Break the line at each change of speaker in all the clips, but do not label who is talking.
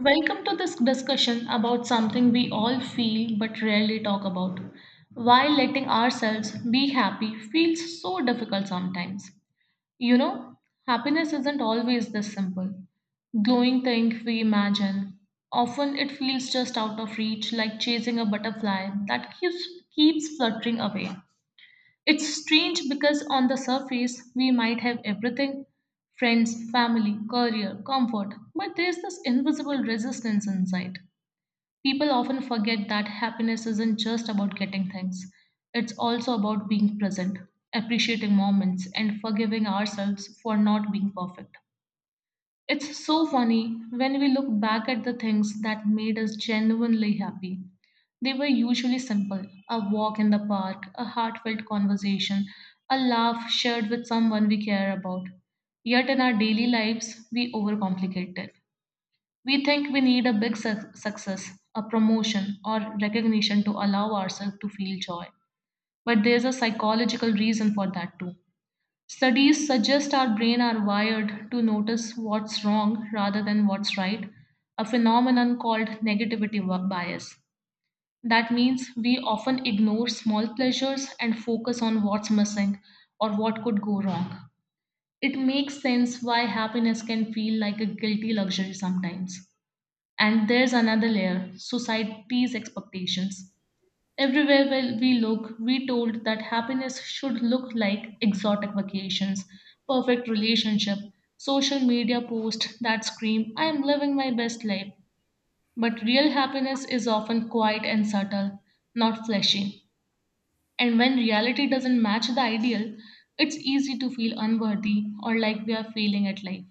Welcome to this discussion about something we all feel but rarely talk about. Why letting ourselves be happy feels so difficult sometimes. You know, happiness isn't always this simple. Glowing thing we imagine. Often it feels just out of reach, like chasing a butterfly that keeps fluttering away. It's strange because on the surface we might have everything: friends, family, career, comfort, but there's this invisible resistance inside. People often forget that happiness isn't just about getting things, it's also about being present, appreciating moments, and forgiving ourselves for not being perfect. It's so funny when we look back at the things that made us genuinely happy. They were usually simple: a walk in the park, a heartfelt conversation, a laugh shared with someone we care about. Yet in our daily lives, we overcomplicate it. We think we need a big suc success, a promotion, or recognition to allow ourselves to feel joy. But there's a psychological reason for that too. Studies suggest our brain are wired to notice what's wrong rather than what's right, a phenomenon called bias. That means we often ignore small pleasures and focus on what's missing or what could go wrong. It makes sense why happiness can feel like a guilty luxury sometimes. And there's another layer: society's expectations. Everywhere where we look, we told that happiness should look like exotic vacations, perfect relationship, social media posts that scream, "I am living my best life." But real happiness is often quiet and subtle, not flashy. And when reality doesn't match the ideal, it's easy to feel unworthy or like we are failing at life.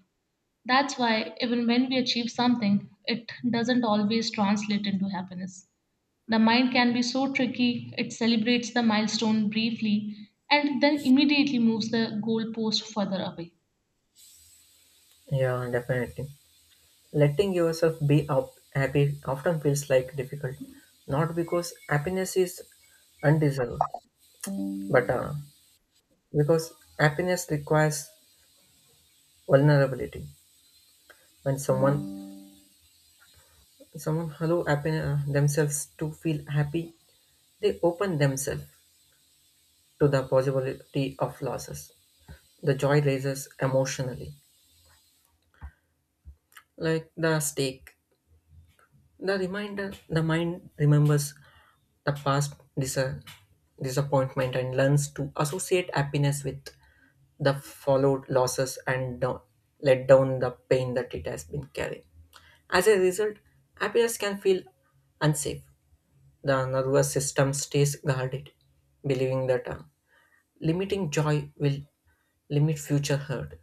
That's why even when we achieve something, it doesn't always translate into happiness. The mind can be so tricky, it celebrates the milestone briefly and then immediately moves the goalpost further away.
Yeah, definitely. Letting yourself be up happy often feels like difficult, not because happiness is undeserved, but because happiness requires vulnerability. When someone allow happy, themselves to feel happy, they open themselves to the possibility of losses. The joy raises emotionally, like the stake. The reminder, the mind remembers the past dis- disappointment and learns to associate happiness with the followed losses and down, let down the pain that it has been carrying. As a result, happiness can feel unsafe. The nervous system stays guarded, believing that limiting joy will limit future hurt.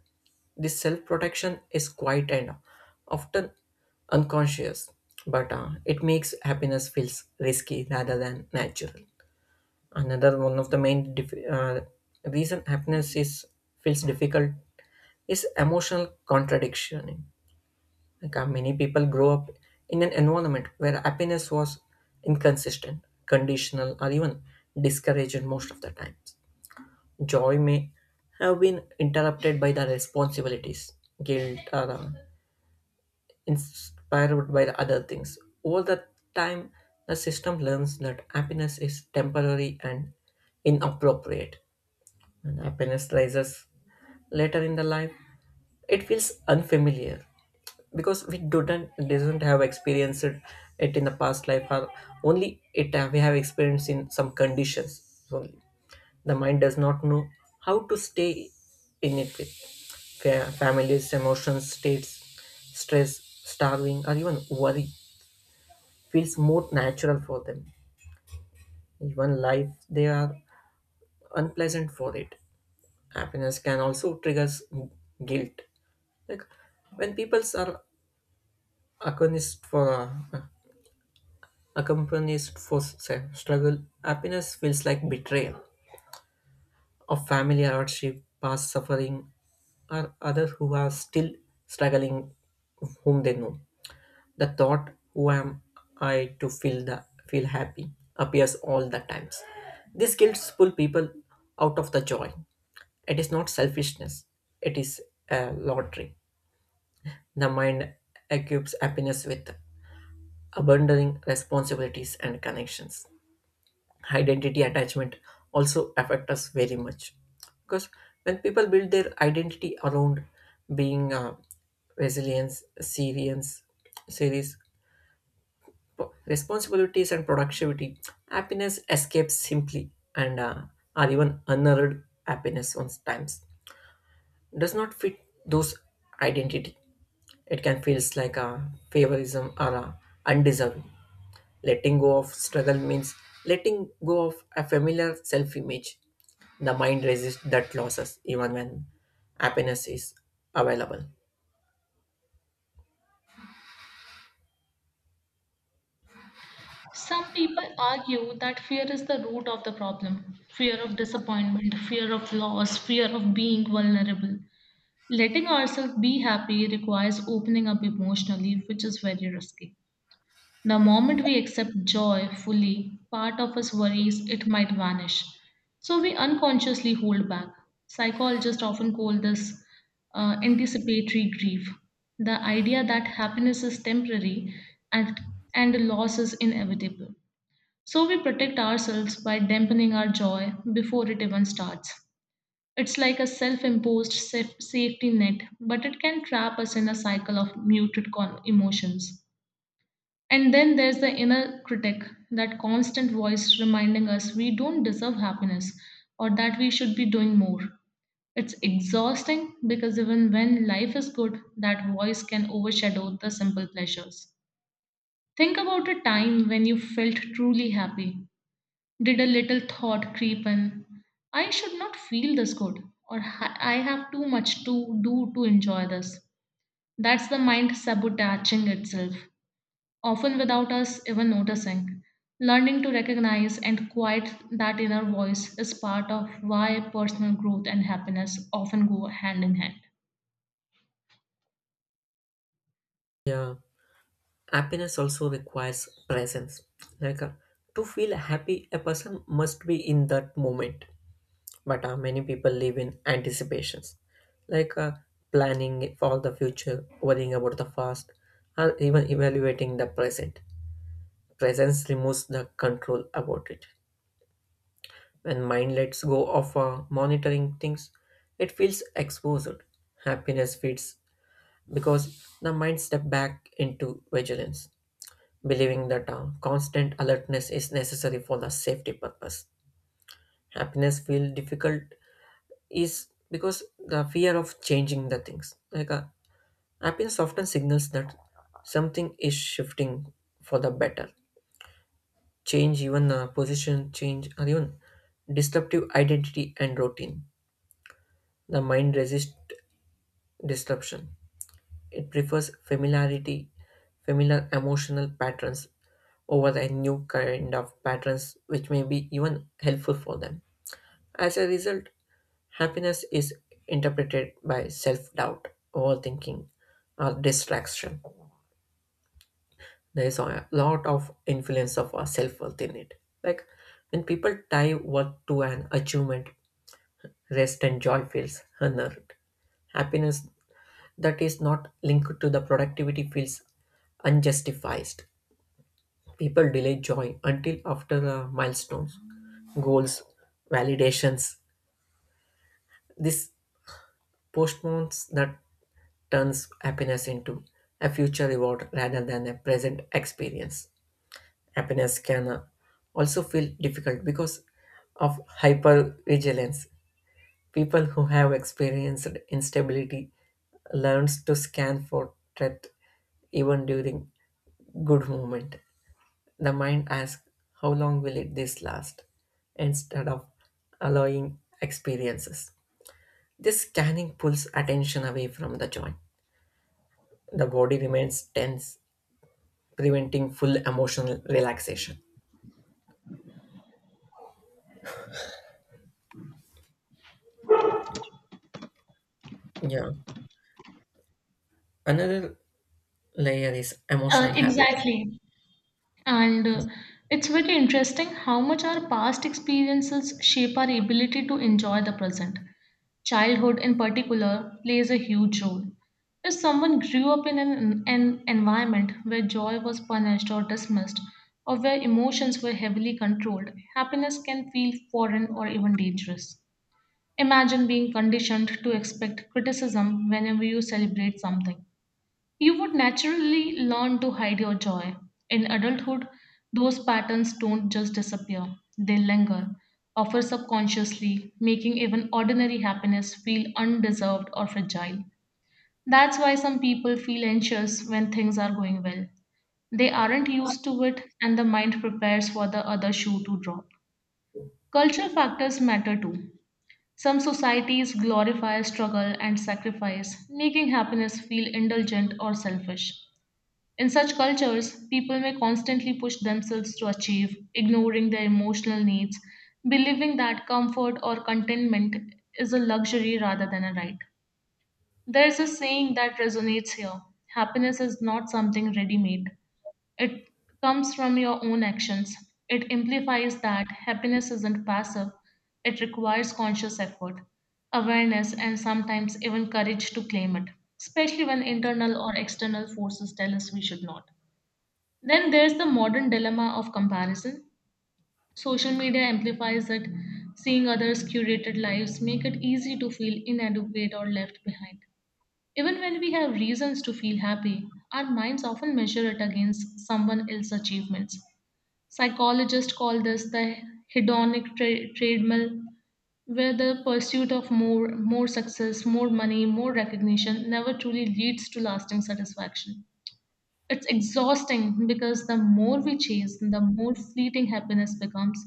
This self protection is quiet and often unconscious, but it makes happiness feels risky rather than natural. Another one of the main reason happiness is feels difficult is emotional contradiction. Many people grow up in an environment where happiness was inconsistent, conditional, or even discouraged most of the times. Joy may have been interrupted by the responsibilities, guilt, or inspired by the other things. Over the time, the system learns that happiness is temporary and inappropriate. When happiness rises later in the life, it feels unfamiliar because we didn't doesn't have experienced it in the past life or only it have, we have experienced in some conditions only. The mind does not know how to stay in it with families, emotions, states, stress, starving, or even worry feels more natural for them. Even life, they are unpleasant for it. Happiness can also triggers guilt. Like when people are accompanied for uh, accompanied for struggle, happiness feels like betrayal of family hardship, past suffering, or others who are still struggling whom they know. The thought, who am I to feel the feel happy, appears all the times. These guilt pull people out of the joy. It is not selfishness, it is a lottery. The mind equips happiness with abandoning responsibilities and connections. Identity attachment also affect us very much because when people build their identity around being resilience serience series responsibilities and productivity, happiness escapes simply and or even unearned happiness sometimes does not fit those identity. It can feels like a favorism or a undeserving. Letting go of struggle means letting go of a familiar self image. The mind resists that losses even when happiness is available.
Some people argue that fear is the root of the problem: fear of disappointment, fear of loss, fear of being vulnerable. Letting ourselves be happy requires opening up emotionally, which is very risky. The moment we accept joy fully, part of us worries it might vanish. So we unconsciously hold back. Psychologists often call this anticipatory grief. The idea that happiness is temporary and, and loss is inevitable. So we protect ourselves by dampening our joy before it even starts. It's like a self imposed safety net, but it can trap us in a cycle of emotions. And then there's the inner critic, that constant voice reminding us we don't deserve happiness or that we should be doing more. It's exhausting because even when life is good, that voice can overshadow the simple pleasures. Think about a time when you felt truly happy. Did a little thought creep in? "I should not feel this good," or " I have too much to do to enjoy this." That's the mind sabotaging itself, often without us even noticing. Learning to recognize and quiet that inner voice is part of why personal growth and happiness often go hand in hand.
Yeah, happiness also requires presence. Like uh, to feel happy, a person must be in that moment. But many people live in anticipations, like planning for the future, worrying about the past, or even evaluating the present. Presence removes the control about it. When mind lets go of monitoring things, it feels exposed. Happiness fades because the mind step back into vigilance, believing that constant alertness is necessary for the safety purpose. Happiness feel difficult is because the fear of changing the things. Happiness often signals that something is shifting for the better. Change, even position change, or even disruptive identity and routine. The mind resists disruption. It prefers familiarity, familiar emotional patterns over the new kind of patterns which may be even helpful for them. As a result, happiness is interpreted by self doubt, overthinking, or distraction. There is a lot of influence of our self worth in it. Like when people tie worth to an achievement, rest and joy feels honored. Happiness that is not linked to the productivity feels unjustified. People delay joy until after milestones, goals, validations. This postpones that turns happiness into a future reward rather than a present experience. Happiness can also feel difficult because of hypervigilance. People who have experienced instability learns to scan for threat even during good moment. The mind asks, how long will it this last, instead of allowing experiences. This scanning pulls attention away from the joy. The body remains tense, preventing full emotional relaxation. Yeah. Another layer is emotional
Uh,
habits.
exactly. And it's very interesting how much our past experiences shape our ability to enjoy the present. Childhood, in particular, plays a huge role. If someone grew up in an environment where joy was punished or dismissed, or where emotions were heavily controlled, happiness can feel foreign or even dangerous. Imagine being conditioned to expect criticism whenever you celebrate something: you would naturally learn to hide your joy. In adulthood, those patterns don't just disappear, they linger, often subconsciously, making even ordinary happiness feel undeserved or fragile. That's why some people feel anxious when things are going well. They aren't used to it, and the mind prepares for the other shoe to drop. Cultural factors matter too. Some societies glorify struggle and sacrifice, making happiness feel indulgent or selfish. In such cultures, people may constantly push themselves to achieve, ignoring their emotional needs, believing that comfort or contentment is a luxury rather than a right. There is a saying that resonates here: happiness is not something ready made, it comes from your own actions. It implies that happiness isn't passive, it requires conscious effort, awareness, and sometimes even courage to claim it, especially when internal or external forces tell us we should not. Then there's the modern dilemma of comparison. Social media amplifies it. Seeing others' curated lives make it easy to feel inadequate or left behind. Even when we have reasons to feel happy, our minds often measure it against someone else's achievements. Psychologists call this the treadmill, where the pursuit of more, more success, more money, more recognition never truly leads to lasting satisfaction. It's exhausting because the more we chase, the more fleeting happiness becomes.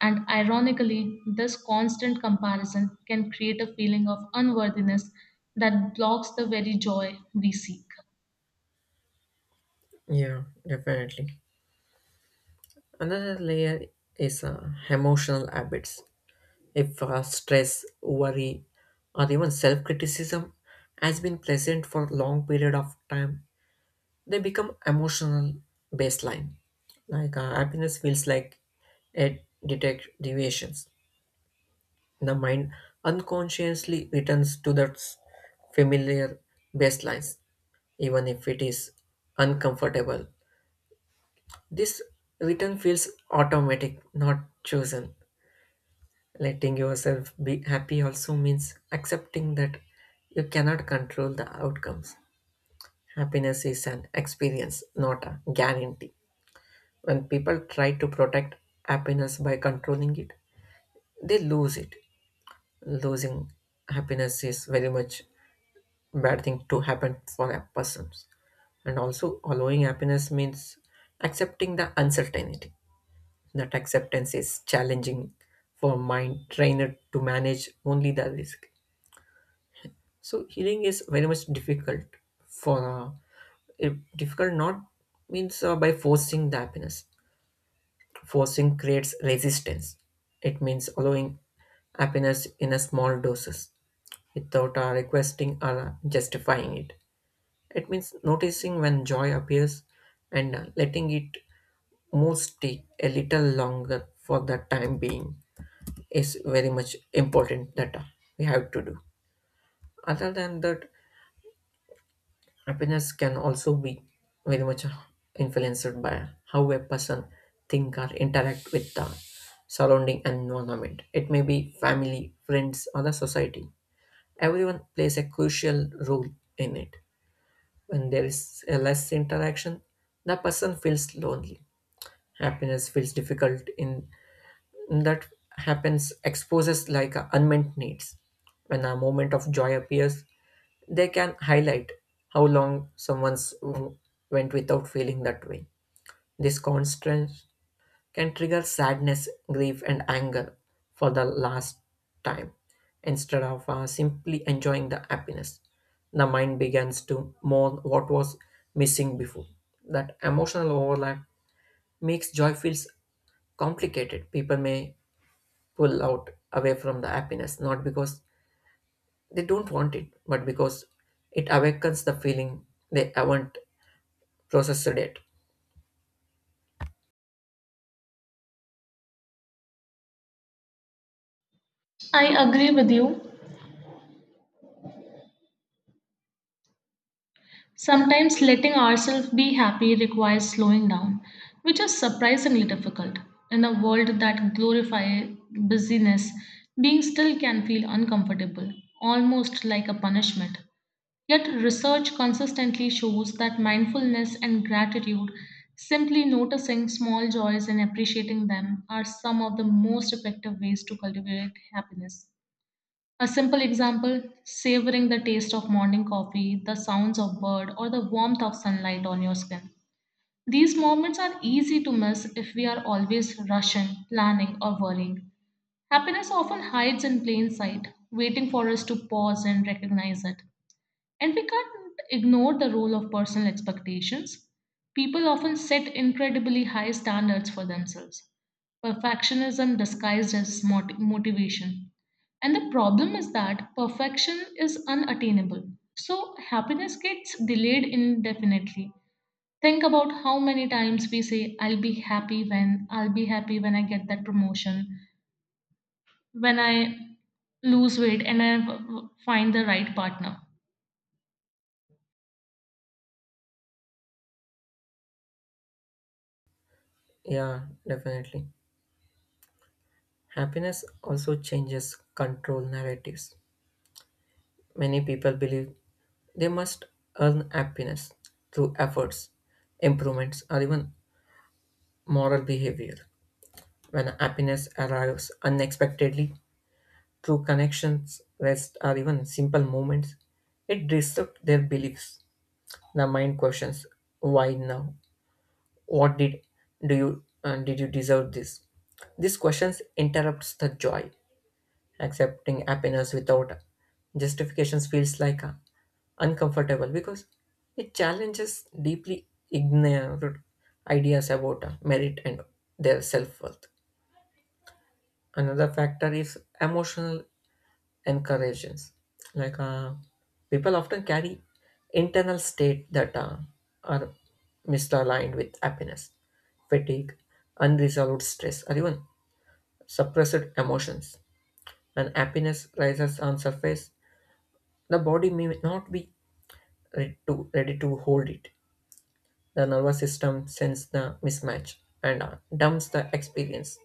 And ironically, this constant comparison can create a feeling of unworthiness that blocks the very joy we seek.
Yeah, definitely. Another layer is emotional habits. If stress, worry, or even self criticism has been present for long period of time, they become emotional baseline. Happiness feels like it detect deviations. The mind unconsciously returns to that familiar baselines, even if it is uncomfortable. This return feels automatic, not chosen. Letting yourself be happy also means accepting that you cannot control the outcomes. Happiness is an experience, not a guarantee. When people try to protect happiness by controlling it, they lose it. Losing happiness is very much bad thing to happen for a person. And also allowing happiness means accepting the uncertainty. That acceptance is challenging for mind trainer to manage only the risk. So healing is very much difficult for it- difficult not means by forcing the happiness. Forcing creates resistance. It means allowing happiness in a small doses without requesting or justifying it. It means noticing when joy appears and letting it move stick a little longer for the time being is very much important that we have to do. Other than that, happiness can also be very much influenced by how a person think or interact with the surrounding environment. It may be family, friends, or the society. Everyone plays a crucial role in it. When there is a less interaction, the person feels lonely. Happiness feels difficult in that happens exposes like unmet needs. When a moment of joy appears, they can highlight how long went without feeling that way. This constant can trigger sadness, grief, and anger for the last time. Instead of simply enjoying the happiness, the mind begins to mourn what was missing before. That emotional overlap makes joy feels complicated. People may pull out away from the happiness not because they don't want it, but because it awakens the feeling they haven't processed it.
I agree with you. Sometimes letting ourselves be happy requires slowing down, which is surprisingly difficult. In a world that glorifies busyness, being still can feel uncomfortable, almost like a punishment. Yet, research consistently shows that mindfulness and gratitude, simply noticing small joys and appreciating them, are some of the most effective ways to cultivate happiness. A simple example: savoring the taste of morning coffee, the sounds of bird, or the warmth of sunlight on your skin. These moments are easy to miss if we are always rushing, planning, or worrying. Happiness often hides in plain sight, waiting for us to pause and recognize it. And we can't ignore the role of personal expectations. People often set incredibly high standards for themselves. Perfectionism disguised as motivation. And the problem is that perfection is unattainable. So happiness gets delayed indefinitely. Think about how many times we say, "I'll be happy when," I'll be happy when I get that promotion, when I lose weight, and I find the right partner.
Yeah, definitely. Happiness also changes control narratives. Many people believe they must earn happiness through efforts, improvements, or even moral behavior. When happiness arrives unexpectedly through connections, rest, or even simple moments, it disrupts their beliefs. The mind questions, "Why now? What did do you did you deserve this?" These questions interrupts the joy. Accepting happiness without justifications feels like uncomfortable because it challenges deeply ignored ideas about merit and their self worth. Another factor is emotional encouragements. Like uh, People often carry internal state that are misaligned with happiness, fatigue, unresolved stress, or even suppressed emotions. And happiness rises on surface. The body may not be ready to hold it. The nervous system sends the mismatch and dumps the experience.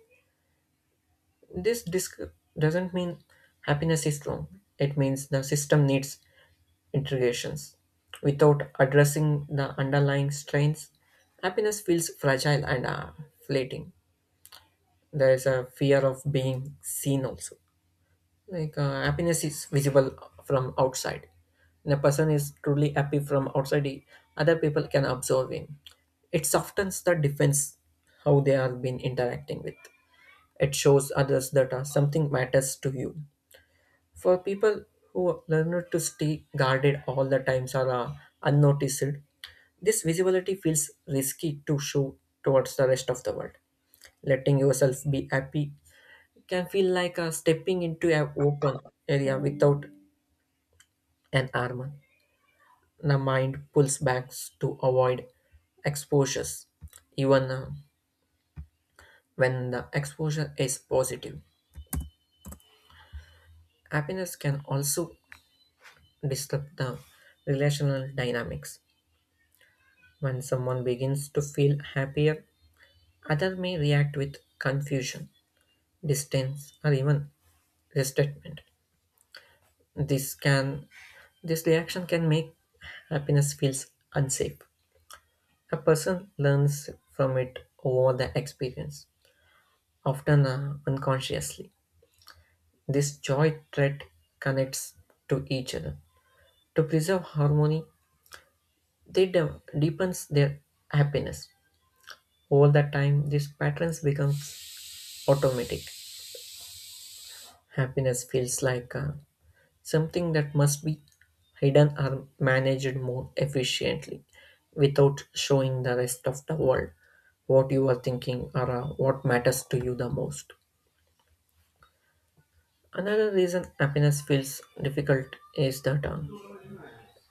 This disc doesn't mean happiness is wrong. It means the system needs integrations. Without addressing the underlying strains, happiness feels fragile and fleeting. There is a fear of being seen also. Happiness is visible from outside. When a person is truly happy from outside, other people can observe him. It softens the defense how they have been interacting with. It shows others that something matters to you. For people who learn not to stay guarded all the times or unnoticed, this visibility feels risky to show towards the rest of the world. Letting yourself be happy can feel like stepping into an open area without an arm. The mind pulls back to avoid exposures, even when the exposure is positive. Happiness can also disrupt the relational dynamics. When someone begins to feel happier, others may react with confusion, distance, or even resentment. This can this reaction can make happiness feels unsafe. A person learns from it over the experience. Often unconsciously, this joy thread connects to each other. To preserve harmony, they deepens their happiness. Over the time, these patterns become automatic. Happiness feels like something that must be hidden or managed more efficiently without showing the rest of the world what you are thinking or what matters to you the most. Another reason happiness feels difficult is that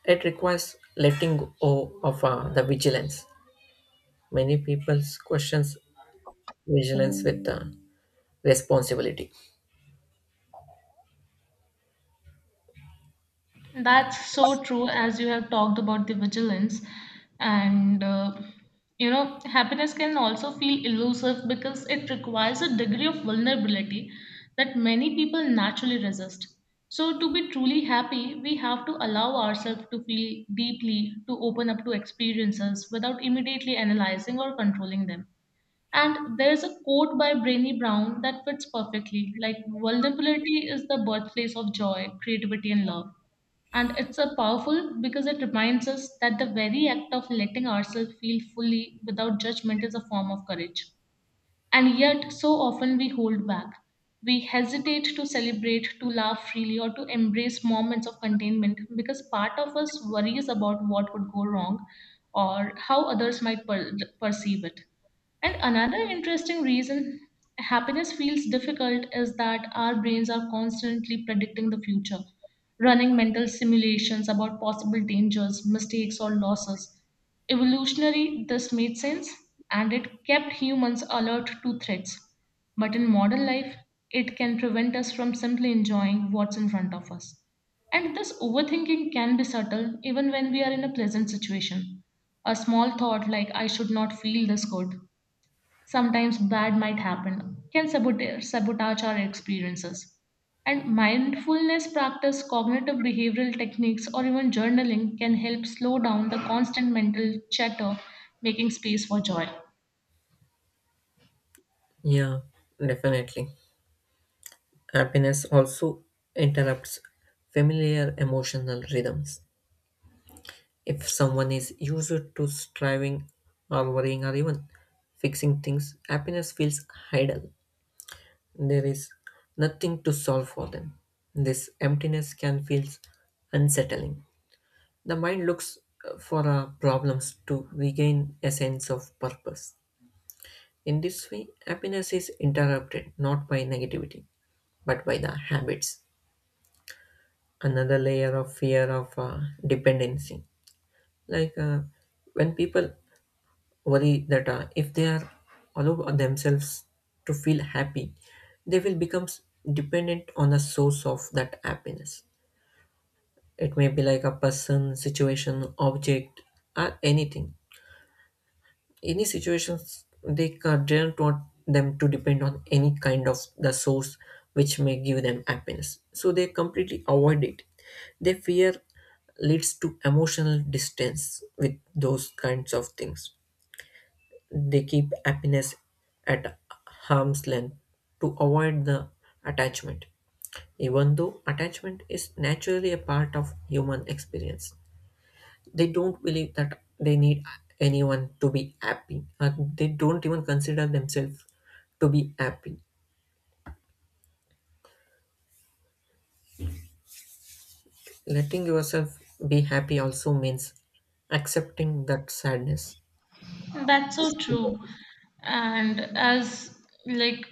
it requires letting go of the vigilance. Many people questions vigilance with responsibility.
That's so true, as you have talked about the vigilance. And, you know, happiness can also feel elusive because it requires a degree of vulnerability that many people naturally resist. So, to be truly happy, we have to allow ourselves to feel deeply, to open up to experiences without immediately analyzing or controlling them. And there's a quote by Brainy Brown that fits perfectly like, vulnerability is the birthplace of joy, creativity, and love, and it's a powerful because it reminds us that the very act of letting ourselves feel fully without judgment is a form of courage. And yet so often we hold back, we hesitate to celebrate, to laugh freely, or to embrace moments of containment because part of us worries about what would go wrong or how others might perceive it. And another interesting reason happiness feels difficult is that our brains are constantly predicting the future, running mental simulations about possible dangers, mistakes, or losses. Evolutionary, this made sense and it kept humans alert to threats. But in modern life, it can prevent us from simply enjoying what's in front of us. And this overthinking can be subtle even when we are in a pleasant situation. A small thought like, "I should not feel this good, sometimes bad might happen," can sabotage our experiences. And mindfulness practice, cognitive behavioral techniques, or even journaling can help slow down the constant mental chatter, making space for joy.
Yeah, definitely. Happiness also interrupts familiar emotional rhythms. If someone is used to striving or worrying or even fixing things, happiness feels idle. There is nothing to solve for them. This emptiness can feel unsettling. The mind looks for problems to regain a sense of purpose. In this way, happiness is interrupted not by negativity, but by the habits. Another layer of fear of dependency. Like uh, when people worry that if they are allow themselves to feel happy, they will become dependent on the source of that happiness. It may be like a person, situation, object, or anything any situations they don't want them to depend on any kind of the source which may give them happiness, so they completely avoid it. Their fear leads to emotional distance with those kinds of things. They keep happiness at harm's length to avoid the attachment, even though attachment is naturally a part of human experience. They don't believe that they need anyone to be happy or they don't even consider themselves to be happy. Letting yourself be happy also means accepting that sadness.
That's so true. And as like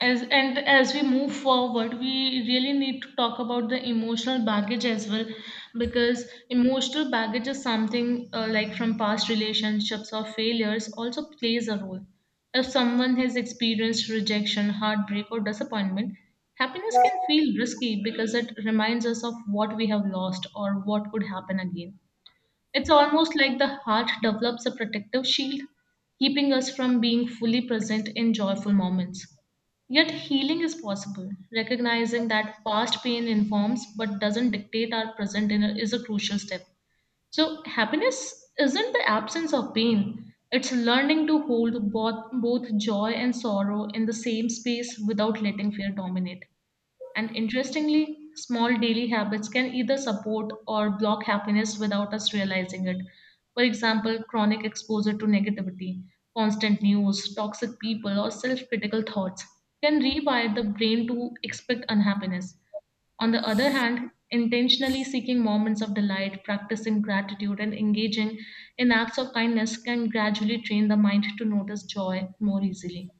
and as we move forward, we really need to talk about the emotional baggage as well, because emotional baggage is something like from past relationships or failures also plays a role. If someone has experienced rejection, heartbreak, or disappointment, happiness can feel risky because it reminds us of what we have lost or what could happen again. It's almost like the heart develops a protective shield, keeping us from being fully present in joyful moments. Yet healing is possible. Recognizing that past pain informs but doesn't dictate our present inner is a crucial step. So happiness isn't the absence of pain. It's learning to hold both joy and sorrow in the same space without letting fear dominate. And interestingly, small daily habits can either support or block happiness without us realizing it. For example, chronic exposure to negativity, constant news, toxic people, or self critical thoughts can rewire the brain to expect unhappiness. On the other hand, intentionally seeking moments of delight, practicing gratitude, and engaging in acts of kindness can gradually train the mind to notice joy more easily.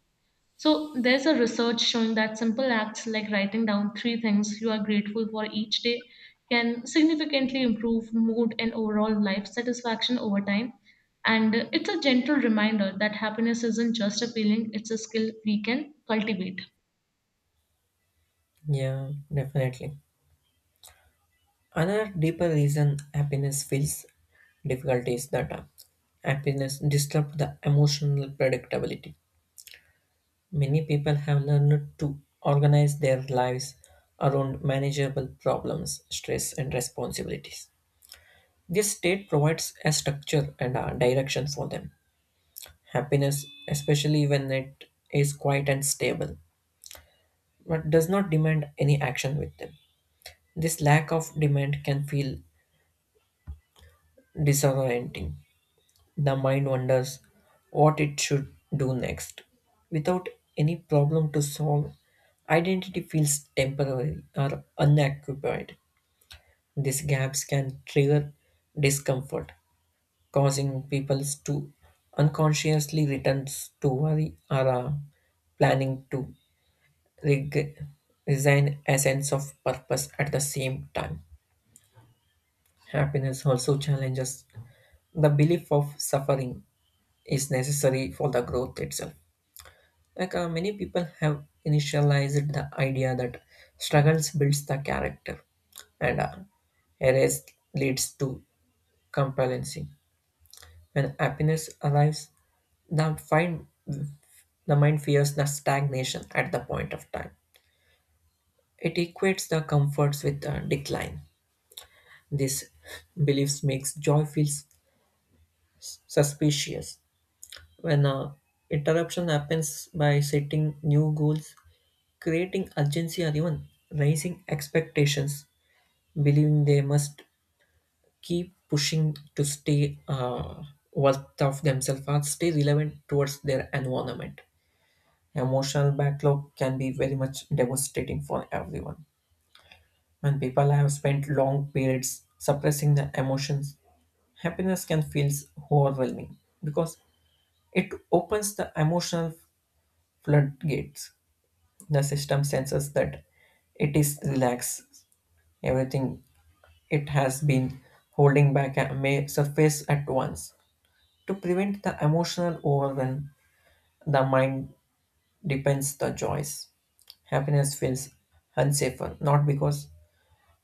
So there's a research showing that simple acts like writing down three things you are grateful for each day can significantly improve mood and overall life satisfaction over time. And it's a gentle reminder that happiness isn't just a feeling, it's a skill we can cultivate.
Yeah, definitely. Another deeper reason happiness feels difficult is that happiness disturbs the emotional predictability. Many people have learned to organize their lives around manageable problems, stress, and responsibilities. This state provides a structure and a direction for them. Happiness, especially when it is quiet and stable, but does not demand any action with them. This lack of demand can feel disorienting. The mind wonders what it should do next. Without any problem to solve, identity feels temporary or unoccupied. These gaps can trigger discomfort, causing people to unconsciously return to worry or planning to reg- resign a sense of purpose at the same time. Happiness also challenges the belief of suffering is necessary for the growth itself. Many people have initialized the idea that struggles builds the character and erase leads to complacency. When happiness arrives, the find the mind fears the stagnation at the point of time. It equates the comforts with the decline. This beliefs makes joy feel suspicious. When a interruption happens by setting new goals, creating urgency or even raising expectations, believing they must keep pushing to stay worth of themselves or stay relevant towards their environment. Emotional backlog can be very much devastating for everyone. When people have spent long periods suppressing their emotions, happiness can feel overwhelming because it opens the emotional floodgates. The system senses that it is relaxed. Everything it has been holding back may surface at once. To prevent the emotional overwhelm, the mind depends the joys. Happiness feels unsafer, not because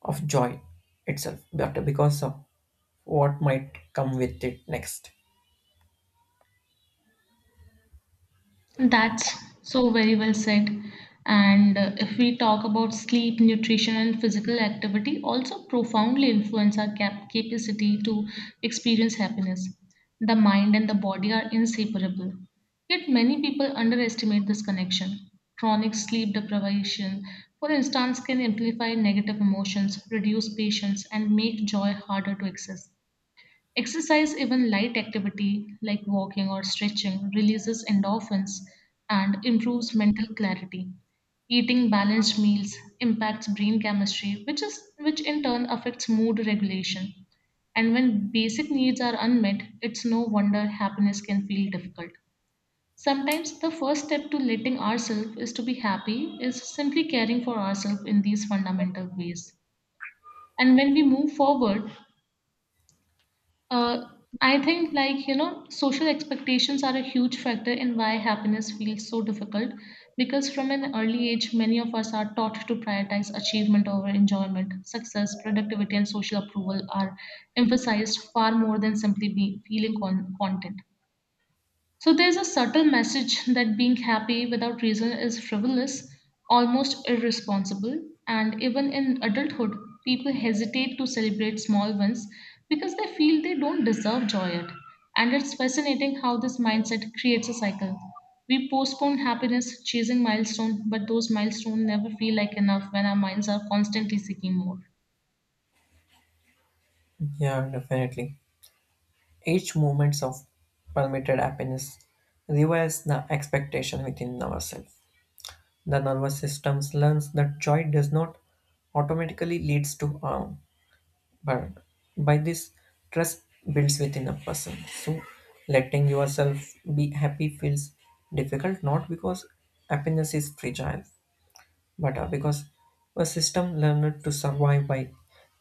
of joy itself, but because of what might come with it next.
That's so very well said. And if we talk about sleep, nutrition, and physical activity, also profoundly influence our capacity to experience happiness. The mind and the body are inseparable. Yet many people underestimate this connection. Chronic sleep deprivation, for instance, can amplify negative emotions, reduce patience, and make joy harder to access. Exercise, even light activity like walking or stretching, releases endorphins and improves mental clarity. Eating balanced meals impacts brain chemistry, which in turn affects mood regulation. And when basic needs are unmet, it's no wonder happiness can feel difficult. Sometimes the first step to letting ourselves is to be happy is simply caring for ourselves in these fundamental ways. And when we move forward, uh, I think, like, you know, social expectations are a huge factor in why happiness feels so difficult because from an early age, many of us are taught to prioritize achievement over enjoyment. Success, productivity, and social approval are emphasized far more than simply feeling content. So there's a subtle message that being happy without reason is frivolous, almost irresponsible, and even in adulthood, people hesitate to celebrate small wins because they feel they don't deserve joy yet. And it's fascinating how this mindset creates a cycle. We postpone happiness, chasing milestones, but those milestones never feel like enough when our minds are constantly seeking more.
Yeah, definitely. Each moments of permitted happiness revives the expectation within ourselves. The nervous system learns that joy does not automatically leads to harm, but by this trust builds within a person. So letting yourself be happy feels difficult not because happiness is fragile but because a system learned to survive by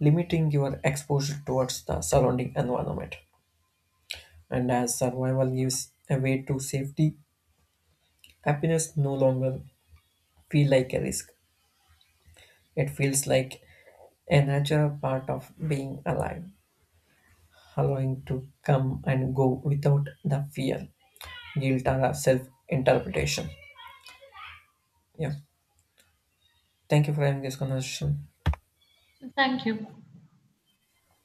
limiting your exposure towards the surrounding environment. And as survival gives a way to safety, happiness no longer feel like a risk. It feels like a natural part of being alive, allowing to come and go without the fear, guilt, or self interpretation. Yeah. Thank you for having this conversation.
Thank you.